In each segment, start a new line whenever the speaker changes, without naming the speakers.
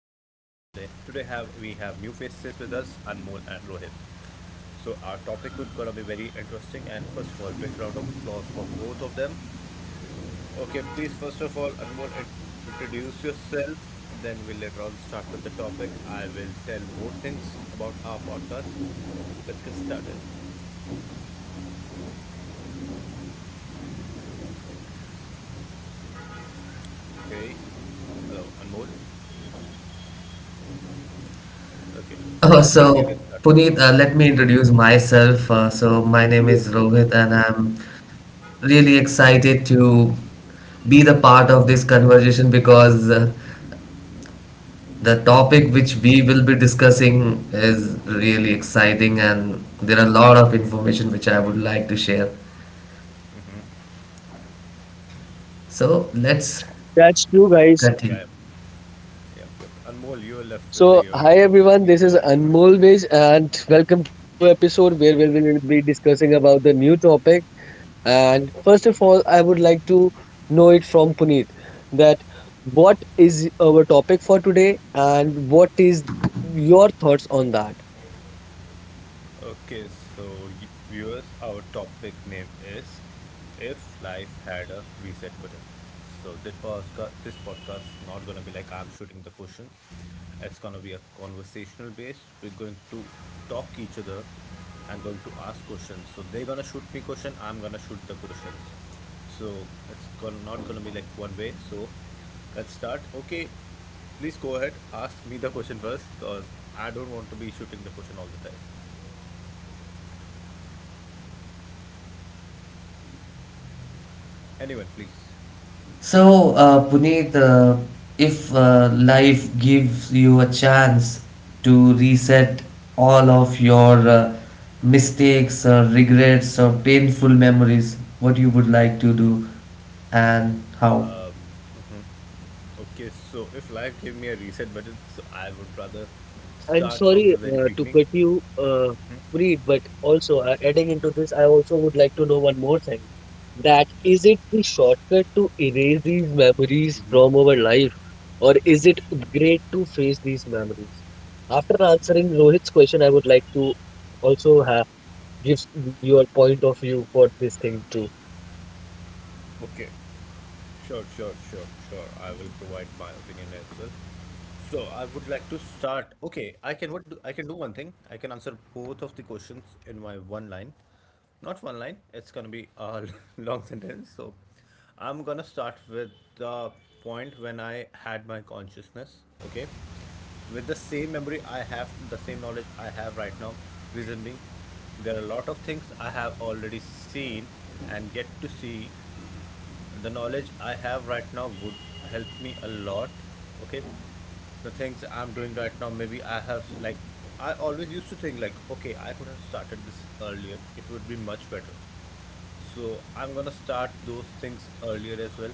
today. Today have we have new faces with us, Anmol and Rohit. So our topic would gonna be very interesting. And first of all, big round of applause for both of them. Okay, please, first of all, Anmol, introduce yourself. Then we'll later on start with the topic. I will tell more things about our podcast. Let's get started. Okay, hello, Anmol. Okay.
Oh, so
Rohit, you can start
Puneet,
right now.
let me introduce myself. So my name is
Yes,
Rohit, and I'm really excited to be the part of this conversation because the topic which we will be discussing is really exciting, and there are a lot of
Exactly.
information which I would like to share. So let's
that's true, guys.
continue.
Yeah. Yep. Yep. Yep. Anmol, you're left
So,
with
hi
your intro.
everyone, this
Please
is
go ahead.
Anmol Viz, and welcome to the new episode where we will be discussing about the new topic. And first of all, I would like to know it from Puneet that what
Yep.
is our topic for today and what is your thoughts on that?
Okay, so viewers, our topic name is If Life Had a Reset Button. So this podcast is not gonna be like I'm shooting the questions. It's gonna be a conversational base. We're going to talk each other and going to ask questions. So they're gonna shoot me question. I'm gonna shoot the questions. So not gonna be like one way. So let's start. Okay, please go ahead. Ask me the question first, cause I don't want to be shooting the question all the time. Anyone, please.
So, Puneet, if life gives you a chance to reset all of your mistakes or regrets or painful memories, what you would like to do and how?
Okay, so if life gave me a reset button, so I would rather
I'm
start
sorry
from the very
to cut
beginning.
you, Preet, but also adding into this, I also would like to know one more thing. That is it the shortcut to erase these memories from our life, or is it great to face these memories? After answering Rohit's question, I would like to also have give your point of view for this thing too.
Okay. Sure, sure, sure, sure, I will provide my opinion as well. So I would like to start. Okay, I can I can do one thing. I can answer both of the questions in my one line. Not one line. It's gonna be a long sentence. So I'm gonna start with the point when I had my consciousness. Okay, with the same memory I have, the same knowledge I have right now. Reason being, there are a lot of things I have already seen and get to see the knowledge I have right now would help me a lot. Okay. The things I'm doing right now, maybe I have like, I always used to think like, okay, I could have started this earlier. It would be much better. So I'm gonna start those things earlier as well.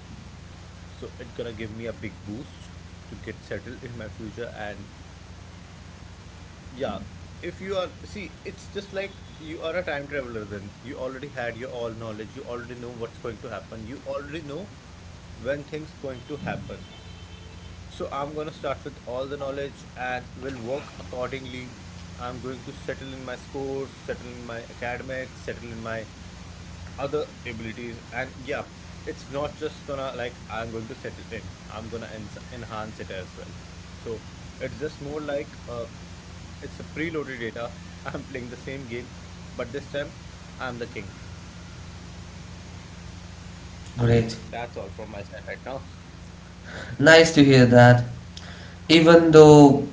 So it's gonna give me a big boost to get settled in my future and yeah, if you are, see, it's just like you are a time traveler then. You already had your all knowledge. You already know what's going to happen. You already know when things going to happen. So I'm going to start with all the knowledge and will work accordingly. I'm going to settle in my scores, settle in my academics, settle in my other abilities. And yeah, it's not just gonna like I'm going to settle in. I'm gonna en enhance it as well. So it's just more like it's a preloaded data. I'm playing the same game, but this time I'm the king.
Great.
That's all from my side right now.
Nice to hear that. Even though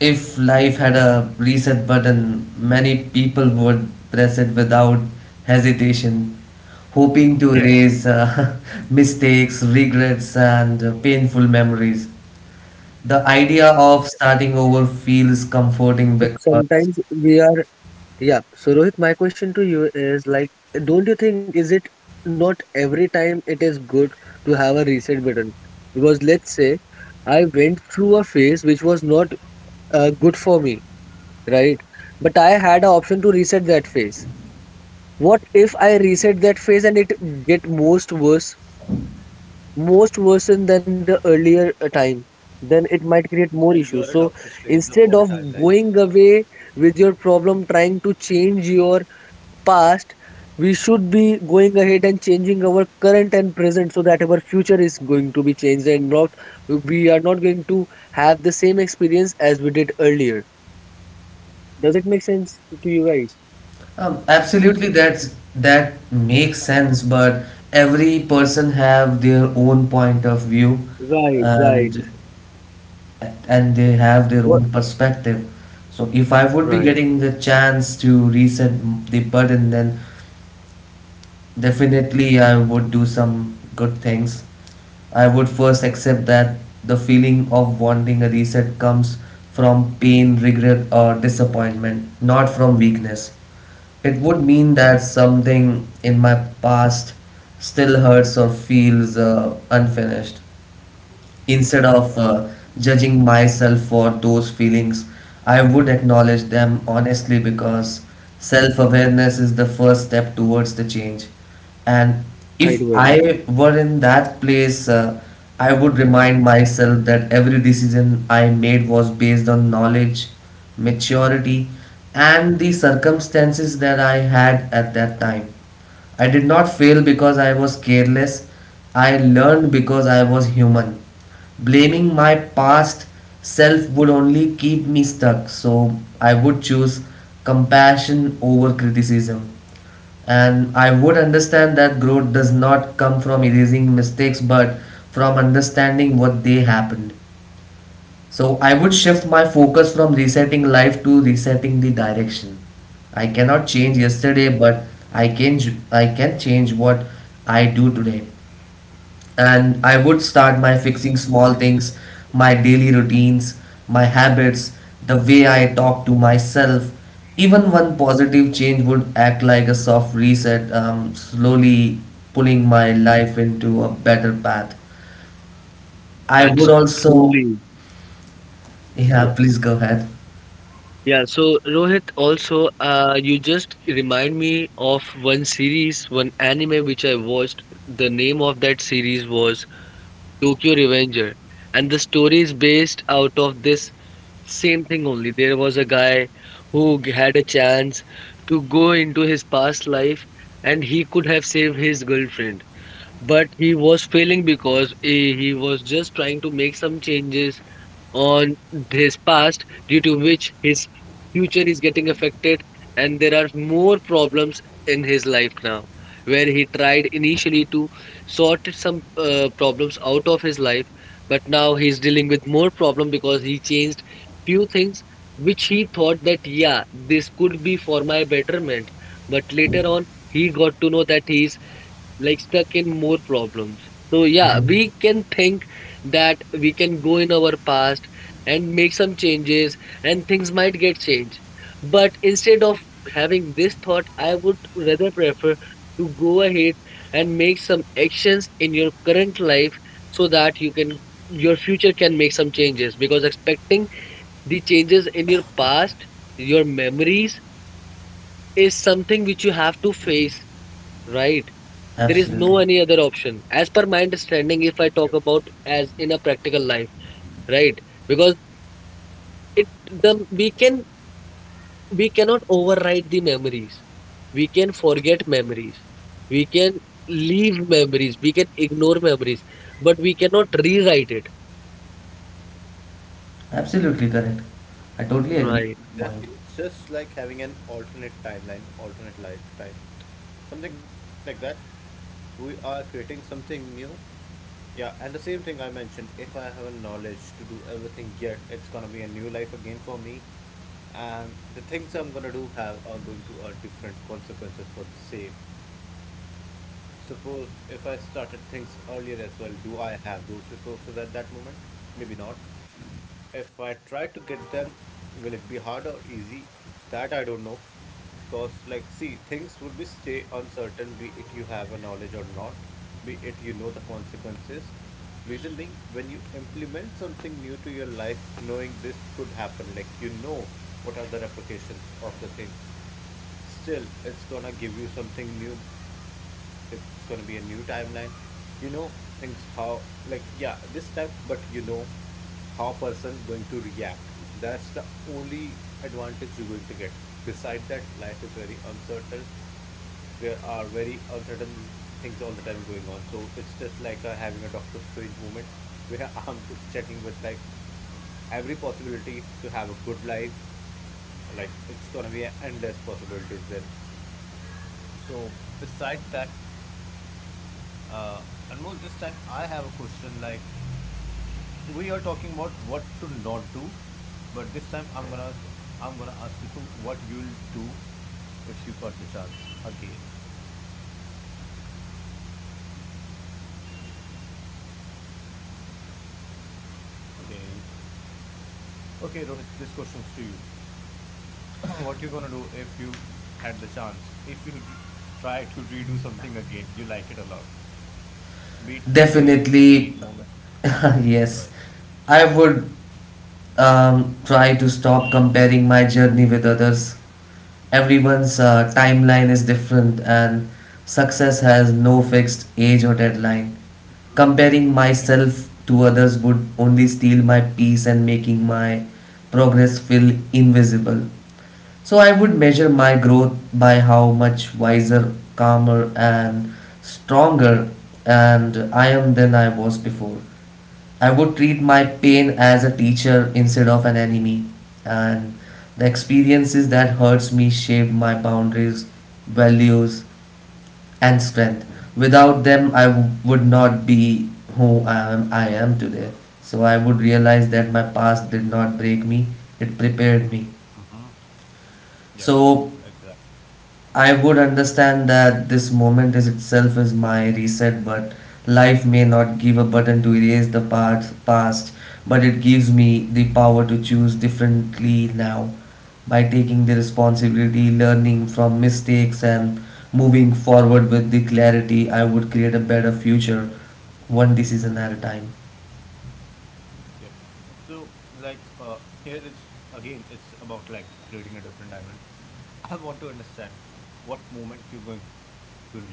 if life had a reset button, many people would press it without hesitation, hoping to
Yeah.
erase mistakes, regrets, and painful memories. The
But
idea
Rohit, don't
of
you think
starting
this is
over
not that
feels
much good?
comforting
Because
because
sometimes we are. Yeah. So Rohit, my question to you is like, don't you think is it not every time it is good to have a reset button? Because let's say I went through a phase which was not good for me, right? But I had an option to reset that phase. What if I reset that phase and it get most worse than the earlier time? Then it might create more issues.
And you're
So
a Doctor Strange
instead
of
of
all
going
timelines.
away with your problem, trying to change your past, we should be going ahead and changing our current and present so that our future is going to be changed and not we are not going to have the same experience as we did earlier. Does it make sense to you guys?
absolutely
Yes, yes,
that's
yes.
that makes sense, but every person have their own point of view,
Right,
and
right.
and they have their own
What?
perspective. So if I would be
Right.
getting the chance to reset the button, then definitely I would do some good things. I would first accept that the feeling of wanting a reset comes from pain, regret, or disappointment, not from weakness. It would mean that something in my past still hurts or feels unfinished. Instead of
Yeah,
judging myself for those feelings, I would acknowledge them honestly because self awareness is the first step towards the change. And
I
if
do agree.
I were in that place, I would remind myself that every decision I made was based on knowledge, maturity, and the circumstances that I had at that time. I did not fail because I was careless. I learned because I was human. Blaming my past self would only keep me stuck, so I would choose compassion over criticism. And I would understand that growth does not come from erasing mistakes but from understanding what they happened. So I would shift my focus from resetting life to resetting the direction. I cannot change yesterday,
Yep.
but I can change what I do today. And I would
Yeah.
start my fixing small things, my daily routines, my habits, the way I talk to myself. Even one positive change would act like a soft reset, slowly pulling my life into a better path. I
That's
would also,
truly. Yeah.
yeah, please go ahead.
Yeah. So Rohit, also, you just remind me of one series, one anime which I watched. The name of that series was Tokyo Revenger, and the story is based out of this same thing only. There was a guy who had a chance to go into his past life and he could have saved his girlfriend, but he was failing because he was just trying to make some changes on his past due to which his future is getting affected and there are more problems in his life now where he tried initially to sort some problems out of his life but now he's dealing with more problem because he changed few things which he thought that yeah this could be for my betterment but later on he got to know that he's like stuck in more problems. So yeah,
Mhm.
we can think that we can go in our past and make some changes and things might get changed. But instead of having this thought, I would rather prefer to go ahead and make some actions in your current life so that you can your future can make some changes because expecting the changes in your past, your memories is something which you have to face, right? There is
Absolutely.
no any other option. As per my understanding, if I talk
Yep. Yep.
about as in a practical life, right? Because it the we can we cannot override the memories. We can forget memories. We can leave memories. We can ignore memories, but we cannot rewrite it.
Absolutely correct. I totally agree
Right.
with your point.
Exactly. It's just like having an alternate timeline, alternate lifetime, something like that. We are creating something new. Yeah, and the same thing I mentioned, if I have a knowledge to do everything yet, it's gonna be a new life again for me. And the things I'm gonna do have are going to are different consequences for the same. Suppose if I started things earlier as well, do I have those resources at that moment? Maybe not. If I try to get them, will it be hard or easy? That I don't know. Cause like see, things would be stay uncertain, be it you have a knowledge or not, be it you know the consequences. Reason being, when you implement something new to your life, knowing this could happen, like you know what are the repercussions of the things. Still, it's gonna give you something new. It's gonna be a new timeline. You know things how like yeah this time, but you know how person going to react. That's the only advantage you're going to get. Beside that, life is very uncertain, there are very uncertain things all the time going on. So it's just like having a Doctor Strange moment where checking with like every possibility to have a good life. Like it's gonna be endless possibilities then. So beside that, Anmol, this time I have a question. Like we are talking about what to not do, but this time I'm gonna ask you to what you'll do if you got the chance again. Okay. Okay, Rohit, this question's to you. What you gonna do if you had the chance? If you d- Try to redo something again, you like it a lot. Beat any pain,
Definitely,
any moment, of
yes.
joy.
I would try to stop comparing my journey with others. Everyone's timeline is different, and success has no fixed age or deadline. Comparing myself
Exactly.
to others would only steal my peace and making my progress feel invisible. So I would measure my growth by how much wiser, calmer, and stronger and I am than I was before. I would treat my pain
Yeah.
as a teacher instead of an enemy, and the experiences that hurts me shape my boundaries, values, and strength. Without them, would not be I am today. So I would realize that my past did not break me; it prepared me.
Yeah. Yeah.
So
Yeah. Exactly.
I would understand that this moment is itself is my reset, but life may not give a button to erase the past, but it gives me the power to choose differently now by taking the responsibility, learning from mistakes, and moving forward with the clarity. I would create a better future one decision
Yeah.
at a time.
Yep. So, like, here it's again, it's about like creating a different timeline. I want to understand what moment you're going to redo again.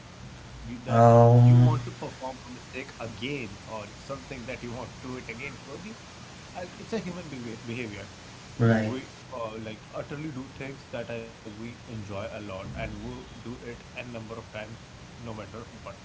You that you want to
Um,
perform a mistake again or something that you want to do it again because you. It's a human behavior.
right.
We like utterly do things that we enjoy a lot, and we do it n number of times no matter what.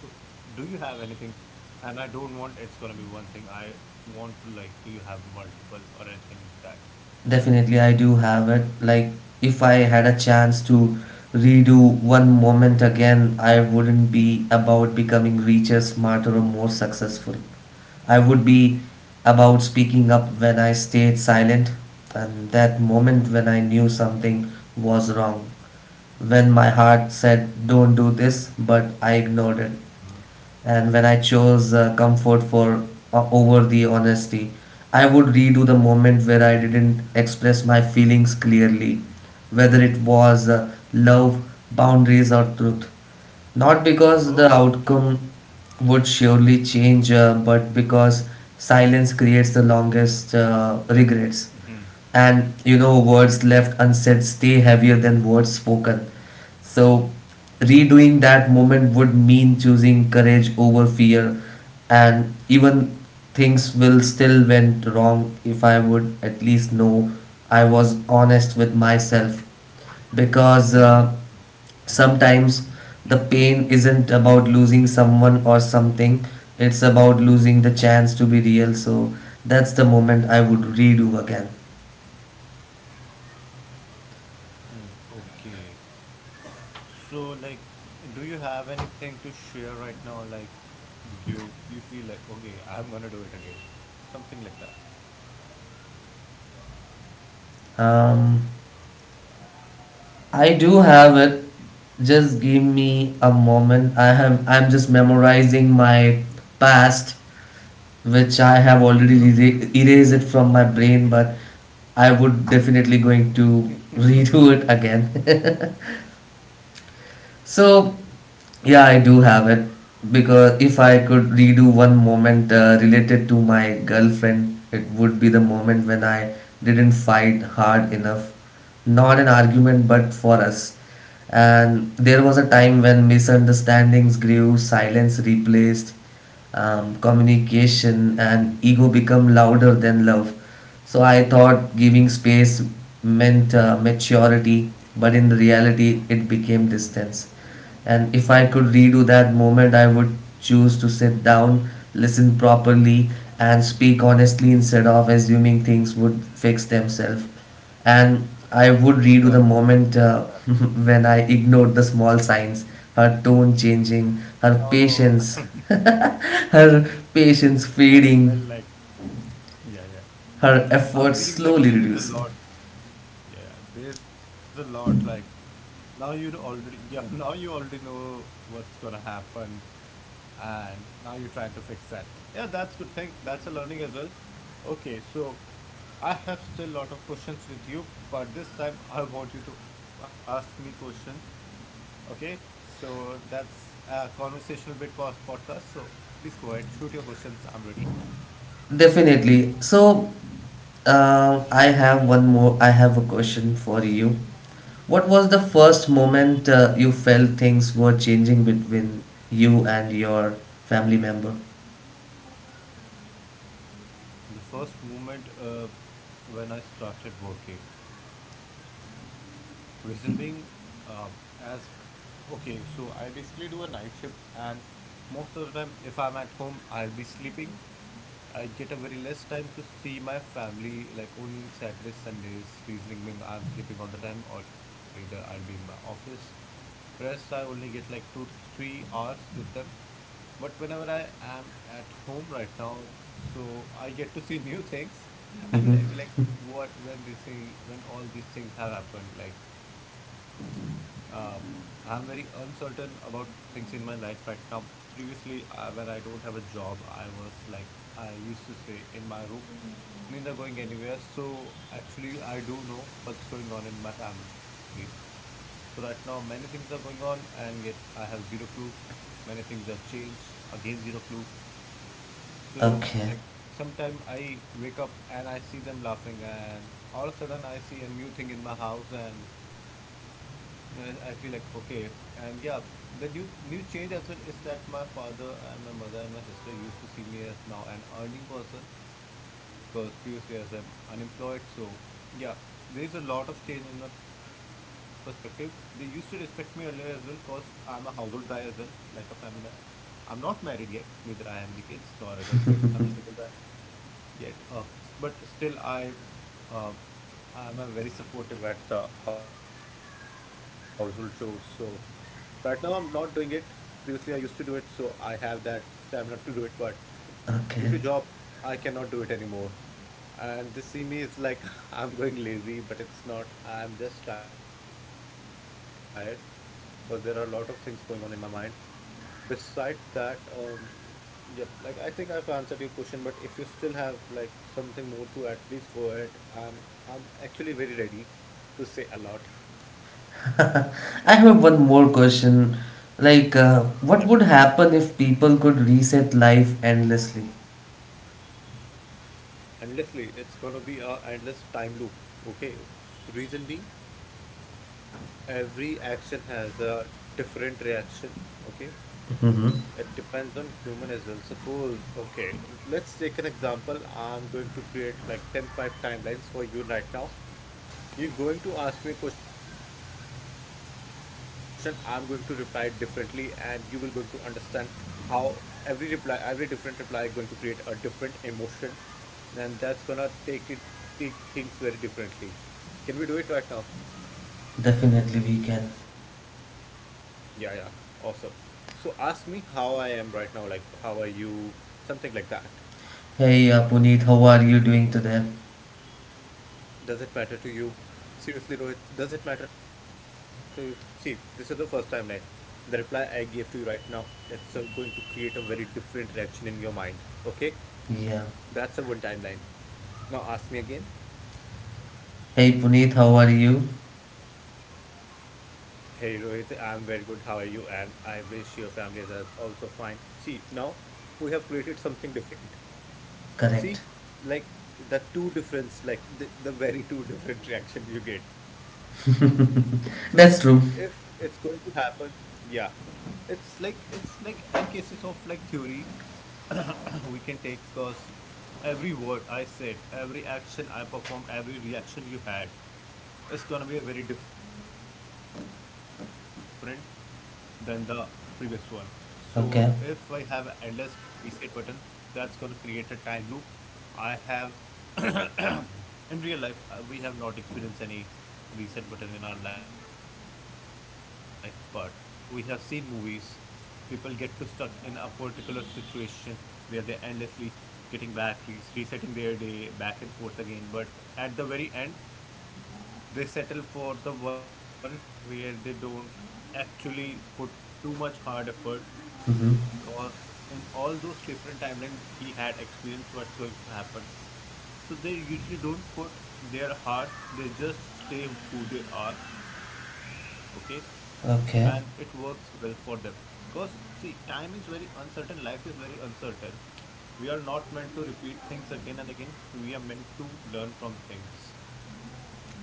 So do you have anything? And I don't want, it's gonna be one thing. I want to like, do you have multiple or anything like that?
Definitely, I do have it. Like, if I had a chance to redo one moment again, I wouldn't be about becoming richer, smarter, or more successful. I would be about speaking up when I stayed silent, and that moment when I knew something was wrong. When my heart said, "Don't do this," but I ignored it, and when I chose comfort for over the honesty, I would redo the moment where I didn't express my feelings clearly, whether it was love,
Oh, okay.
boundaries, or truth. Not because the outcome would surely change, but because silence
Okay.
creates the
So
longest regrets. And you know, words left unsaid stay heavier than words spoken. So, redoing that moment would mean choosing courage over fear, and even things will still went wrong if I would at least know I was honest with myself because sometimes
yeah.
the pain isn't about losing someone or something, it's about losing the chance to be real. So that's the moment I would redo again.
Okay. So, like, do you have anything to share right now? Like, you you feel like, okay, I'm gonna do it again, something like that.
um, I do have it. Just give me a moment. I have. I'm just memorizing my past, which I have already erased it from my brain. But I would definitely going to redo it again. So, yeah, I do have it
Yeah.
because if I could redo one moment related to my girlfriend, it would be the moment when I didn't fight hard enough. Not an argument, but for us. And there was a time when misunderstandings grew, silence replaced communication and ego become louder than love. So I thought giving space meant maturity, but in reality it became distance. And if I could redo that moment, I would choose to sit down, listen properly, and speak honestly instead of assuming things would fix themselves. And I would redo the
Exactly,
moment
exactly.
when I ignored the small signs, her tone changing, her
Oh,
patience, her patience
I
fading,
felt like, yeah, yeah.
her efforts
I'm
slowly
feeling like there
reducing.
is a lot. Yeah, yeah, there's a lot like now you already yeah, now you already know what's gonna happen and now you're trying to fix that. Yeah, that's good thing. That's a learning as well. Okay, so I have still lot of questions with you, but this time I want you to ask me question. Okay? So that's a conversational podcast. So please go ahead, shoot your questions. I'm ready.
Definitely. So, I have one more. I have a question for you. What was the first moment you felt things were changing between you and your family member?
The first moment when I started working. Reason being, uh, as okay, so I basically do a night shift, and most of the time, if I'm at home, I'll be sleeping. I get a very less time to see my family, like only in Saturdays, Sundays. Reasoning being, I'm sleeping all the time, or either I'll be in my office. Rest, I only get like 2 to 3 hours with them. But whenever I am at home right now, so I get to see new things, and
Mm-hmm.
I be like, what when this thing, when all these things have happened, like. Uh, I'm very uncertain about things in my life right now. Previously, when I don't have a job, I was like, I used to say in my room, neither going anywhere. So actually, I do know what's going on in my family. So right now many things are going on and yet I have zero clue. Many things have changed, again zero clue. So
Okay.
like sometime I wake up and I see them laughing and all of a sudden I see a new thing in my house and I feel like okay and yeah the new change as well is that my father and my mother and my sister used to see me as now an earning person because previously as I'm unemployed. So yeah, there's a lot of change in my perspective. They used to respect me earlier as well because I'm a household guy as well, like a family man. I'm not married yet, neither I have any kids nor a girlfriend. I'm a single guy yet. But still, uh, I'm a very supportive at the household chores. So right now I'm not doing it. Previously I used to do it, so I have that stamina to do it. But due to
Okay.
job, I cannot do it anymore. And this see me is like I'm going lazy, but it's not. I'm just tired because there are a lot of things going on in my mind. Beside that, yep, like I think I've answered your question, but if you still have like something more to add, please go ahead. I'm actually very ready to say a lot.
I have one more question. Like,
Yep.
what would happen if people could reset life endlessly?
Endlessly, it's gonna be a endless time loop. Okay. Reason being, every action has a different reaction. Okay,
Hmm.
it depends on human as well. Suppose, okay, let's take an example. I'm going to create like 10 5 timelines for you right now. You're going to ask me a question, I'm going to reply differently, and you will going to understand how every reply, every different reply going to create a different emotion, and that's gonna take things very differently. Can we do it right now?
Definitely we can.
Yeah, yeah. Awesome. So ask me how I am right now, like how are you, something like that.
Hey, Puneet, how are you doing today?
Does it matter to you? Seriously, Rohit, does it matter to you? See, this is the first timeline. The reply I gave to you right now, it's going to create a very different reaction in your mind. Okay?
Yeah.
That's a one timeline. Now ask me again.
Hey, Puneet, how are you?
Hey Rohit, I'm very good. How are you? And I wish your family is also fine. See, now we have created something different. See,
Correct.
like the two difference, like the very two different reaction you get. So if
That's
it's
true.
going to happen, yeah, it's like n cases of like theory we can take because every word I said, every action I performed, every reaction you had, is gonna be a very different than the previous one. So if I have an endless
Okay.
reset button, that's going to create a time loop. I have in real life we have not experienced any reset button in our life, but we have seen movies. People get to stuck in a particular situation where they endlessly getting back, resetting their day back and forth again. But at the very end, they settle for the one where they don't actually put too much hard effort
Hmm.
because in all those different timelines he had experienced what's going to happen. So they usually don't put their heart, they just stay who they are, okay? And it
Okay.
works well for them. Because, see, time is very uncertain, life is very uncertain. We are not meant to repeat things again and again, we are meant to learn from things.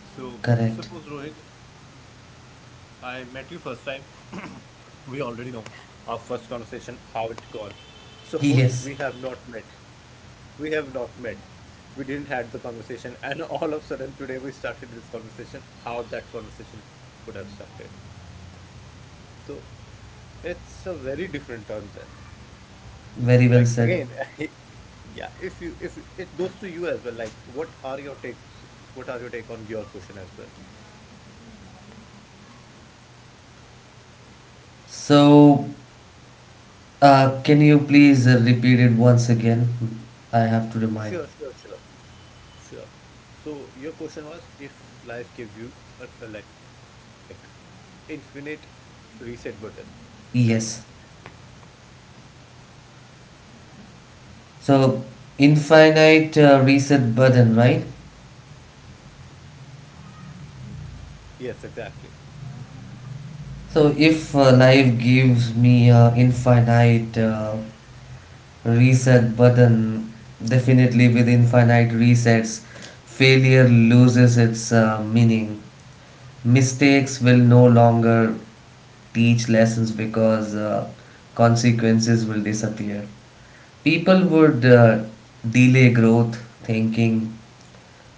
So,
Correct.
suppose Rohit, I met you first time. We already know our first conversation, how it gone. Suppose we have
Yes.
not met. We have not met. We didn't had the conversation, and all of a sudden today we started this conversation. How that conversation could have started? So, it's a very different turn then.
Very
Like
well
again,
said.
yeah. If you- It goes to you as well. Like, what are your takes? What are your take on your question as well?
So, can you please repeat it once again? I have to remind.
Sure, sure, sure. Sure. So your question was if life gave you a, like infinite reset button.
Yes. So infinite reset button, right?
Yes, exactly.
So if life gives me a infinite reset button, definitely with infinite resets, failure loses its meaning. Mistakes will no longer teach lessons because consequences will disappear. People would delay growth, thinking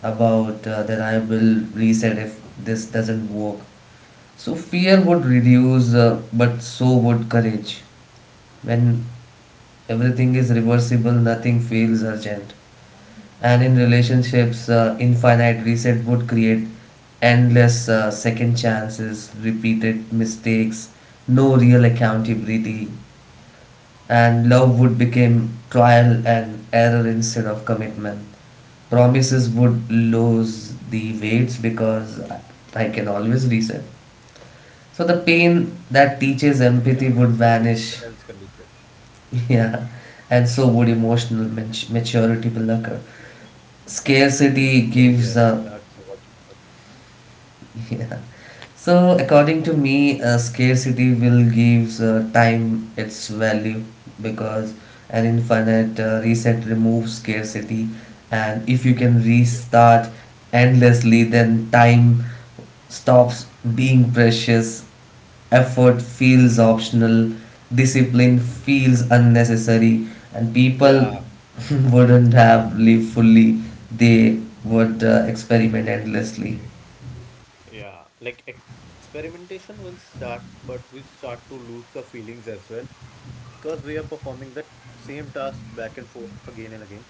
about that I will reset if this doesn't work. So fear would reduce, but so would courage. When everything is reversible, nothing feels urgent. And in relationships, infinite reset would create endless second chances, repeated mistakes, no real accountability and love would become trial and error instead of commitment. Promises would lose the weights because I can always reset. So the
Yeah, it's gonna
pain
be if
that
and else
teaches
condition.
empathy would vanish, yeah, and so would emotional maturity will occur.
Oh yes, that's a
Scarcity
vital point.
gives a yeah. So, according to me, scarcity will give time its value because an infinite reset removes scarcity, and if you can
Yep, yep.
restart endlessly, then time stops being precious, effort feels optional, discipline feels unnecessary, and people
Yeah.
wouldn't have lived fully, they would experiment endlessly.
Yeah, like experimentation will start, but we start to lose the feelings as well because we are performing that same task back and forth again and again.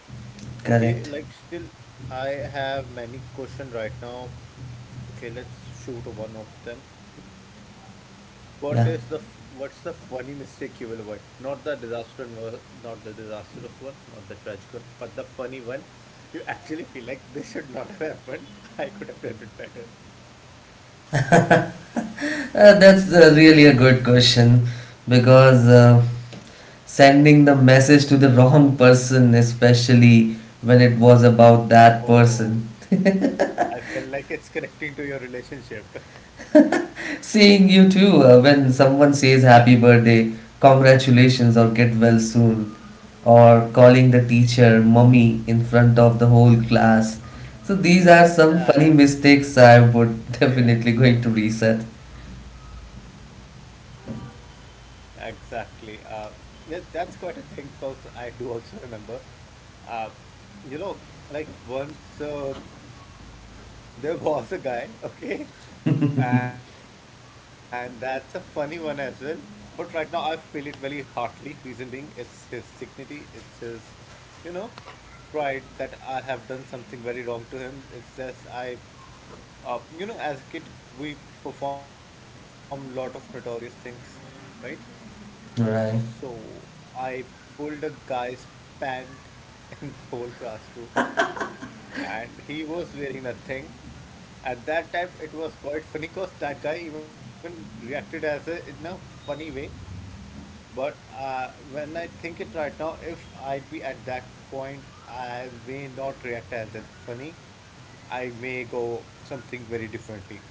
Okay,
Correct.
like still, I have many questions right now. Okay, let's shoot one of them. What is the
Yeah,
f- what's the funny mistake you will avoid? Not the disastrous one, not the tragic one, but the funny one. You actually feel like this should not have happened. I could have done it better.
that's really a good question because sending the message to the wrong person, especially when it was about that
Oh,
person.
I felt like it's connecting to your relationship.
Seeing you
Yeah.
too, when someone says happy birthday, congratulations, or get well soon, or calling the teacher mummy in front of the whole class. So these are
Yeah,
some funny
that's
mistakes I would
Yeah,
definitely going to reset.
exactly. Yeah, that's quite a thing because I do also remember, uh, you know, like once there was a guy, okay? And that's a funny one as well. But right now I feel it very heartily. Reason being, it's his dignity, it's his, you know, pride that I have done something very wrong to him. It's just I, as a kid, we perform lot of notorious things, right?
Right.
So I pulled a guy's pant in the whole classroom and he was wearing that thing. At that time, it was quite funny because that guy even reacted as in a funny way. But when I think it right now, if I'd be at that point, I may not react as that funny. I may go something very differently.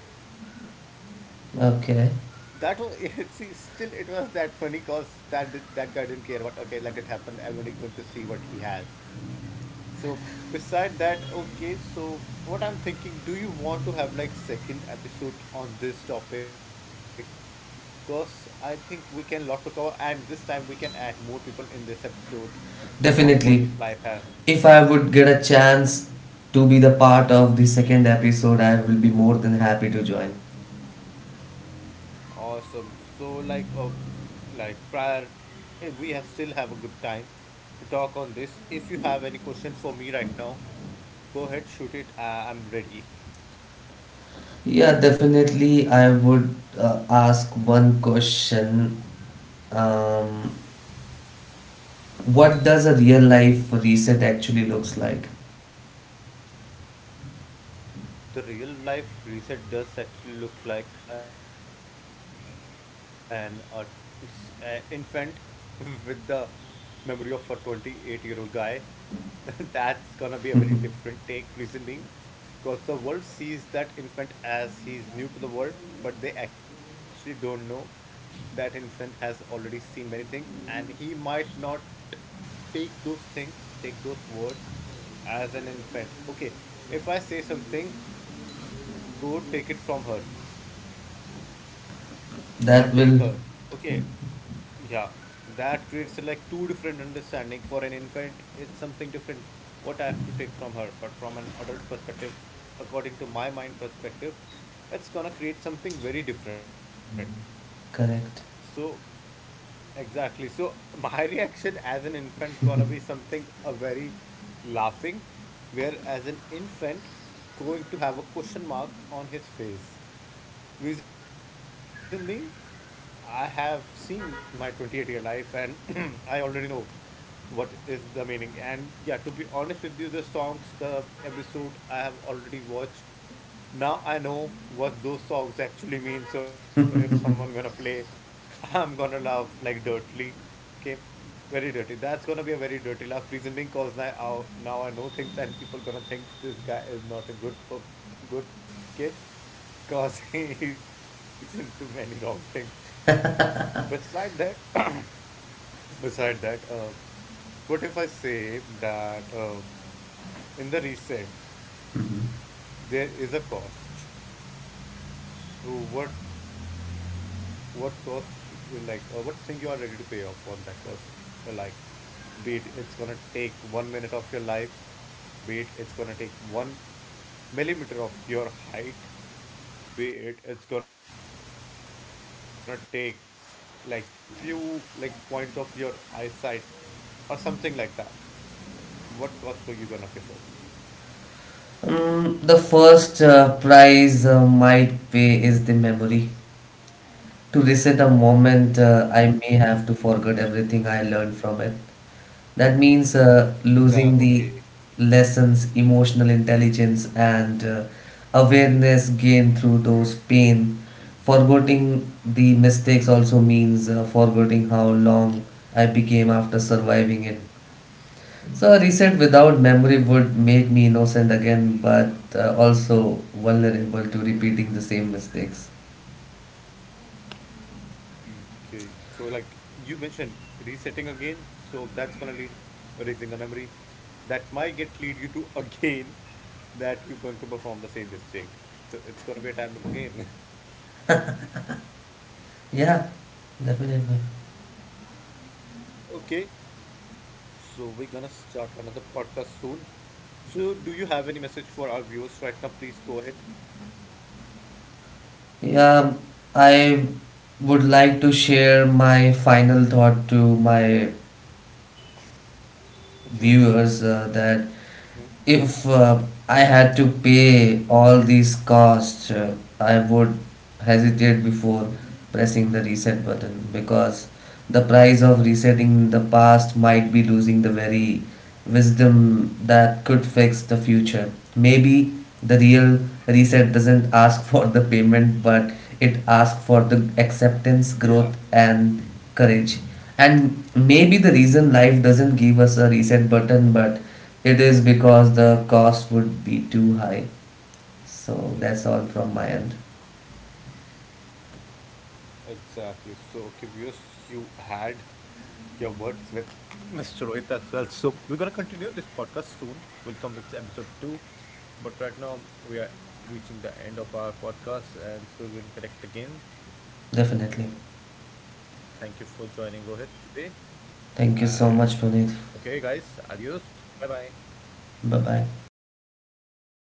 That was see,
Okay.
still it was that funny because that guy didn't care about. Okay, let it happen. Everybody going to see what he has. So beside that, okay, so what I'm thinking, do you want to have like second episode on this topic? Because I think we can lot to cover and this time we can add more people in this episode of what
Definitely.
is life have.
If I
Yep.
would
Yep.
get a chance to be the part of the second episode, I will be more than happy to join.
Awesome. So like prior we have still have a good time to talk on this. If you have any question for me right now, go ahead, shoot it. I'm ready.
Yeah, definitely. I would ask one question: um, what does a real life reset actually looks like?
The real life reset does actually look like an infant with the memory of a 28-year-old guy. That's gonna be a very different take, reason being. Because the world sees that infant as he's new to the world, but they actually don't know that infant has already seen many things and he might not take those things, take those words as an infant. Okay, if I say something, go take it from her or take her.
That will
Okay, yeah, that creates like two different understanding. For an infant, it's something different what I have to take from her, but from an adult perspective, according to my mind perspective, it's gonna create something very different. So,
correct.
exactly. So, my reaction as an infant gonna be something a very laughing, where as an infant going to have a question mark on his face. Reason being, I have seen my 28-year life and I already know what is the meaning. And yeah, to be honest with you, the songs, the episode I have already watched. Now I know what those songs actually mean. So if someone gonna play, I'm gonna laugh like dirtly. Okay, very dirty. That's gonna be a very dirty laugh. Reason being, cause now I know things and people gonna think this guy is not a good kid. Cause he's into many wrong things. Beside that, beside that, what if I say that in the reset
Hmm.
there is a cost? So what cost you like, what thing you are ready to pay off on that cost? Like, be it it's gonna take 1 minute of your life, be it it's gonna take 1 millimeter of your height, be it it's gonna take like few like point of your eyesight or something like that, what cost are you gonna pay first?
The first price might pay is the memory. To reset a moment, I may have to forget everything I learned from it. That means
The Okay.
losing the lessons, emotional intelligence, and awareness gained through those pain. Forgetting the mistakes also means forgetting how long I became after surviving it. So, a reset without memory would make me innocent again, but also vulnerable to
Hmm.
repeating the same mistakes.
Okay, so like you mentioned resetting again, so that's gonna lead raising the memory that might get lead you to again that you're going to perform the same mistake, so it's gonna be a time loop again.
Yeah, definitely.
Okay. So we're gonna start another podcast soon. So do you have any message for our viewers right now? Please go ahead.
Yeah, I would like to share my final thought to my viewers that
Hmm?
if I had to pay all these costs, I would hesitate before pressing the reset button because the price of resetting the past might be losing the very wisdom that could fix the future. Maybe the real reset doesn't ask for the payment, but it asks
Yeah.
for the acceptance, growth, and courage. And maybe the reason life doesn't give us a reset button, but it is because the cost would be too high. So
Yeah.
that's all
Yeah.
from my end.
Exactly. So okay, viewers, you had your words with Mr. Rohit as well. So we're gonna continue this podcast soon. We'll come with episode 2. But right now we are reaching the end of our podcast and so we'll connect again. Thank you for joining Rohit
Definitely.
today. And okay, guys,
Thank you so
adios.
much, Puneet.
Bye bye.
Bye bye.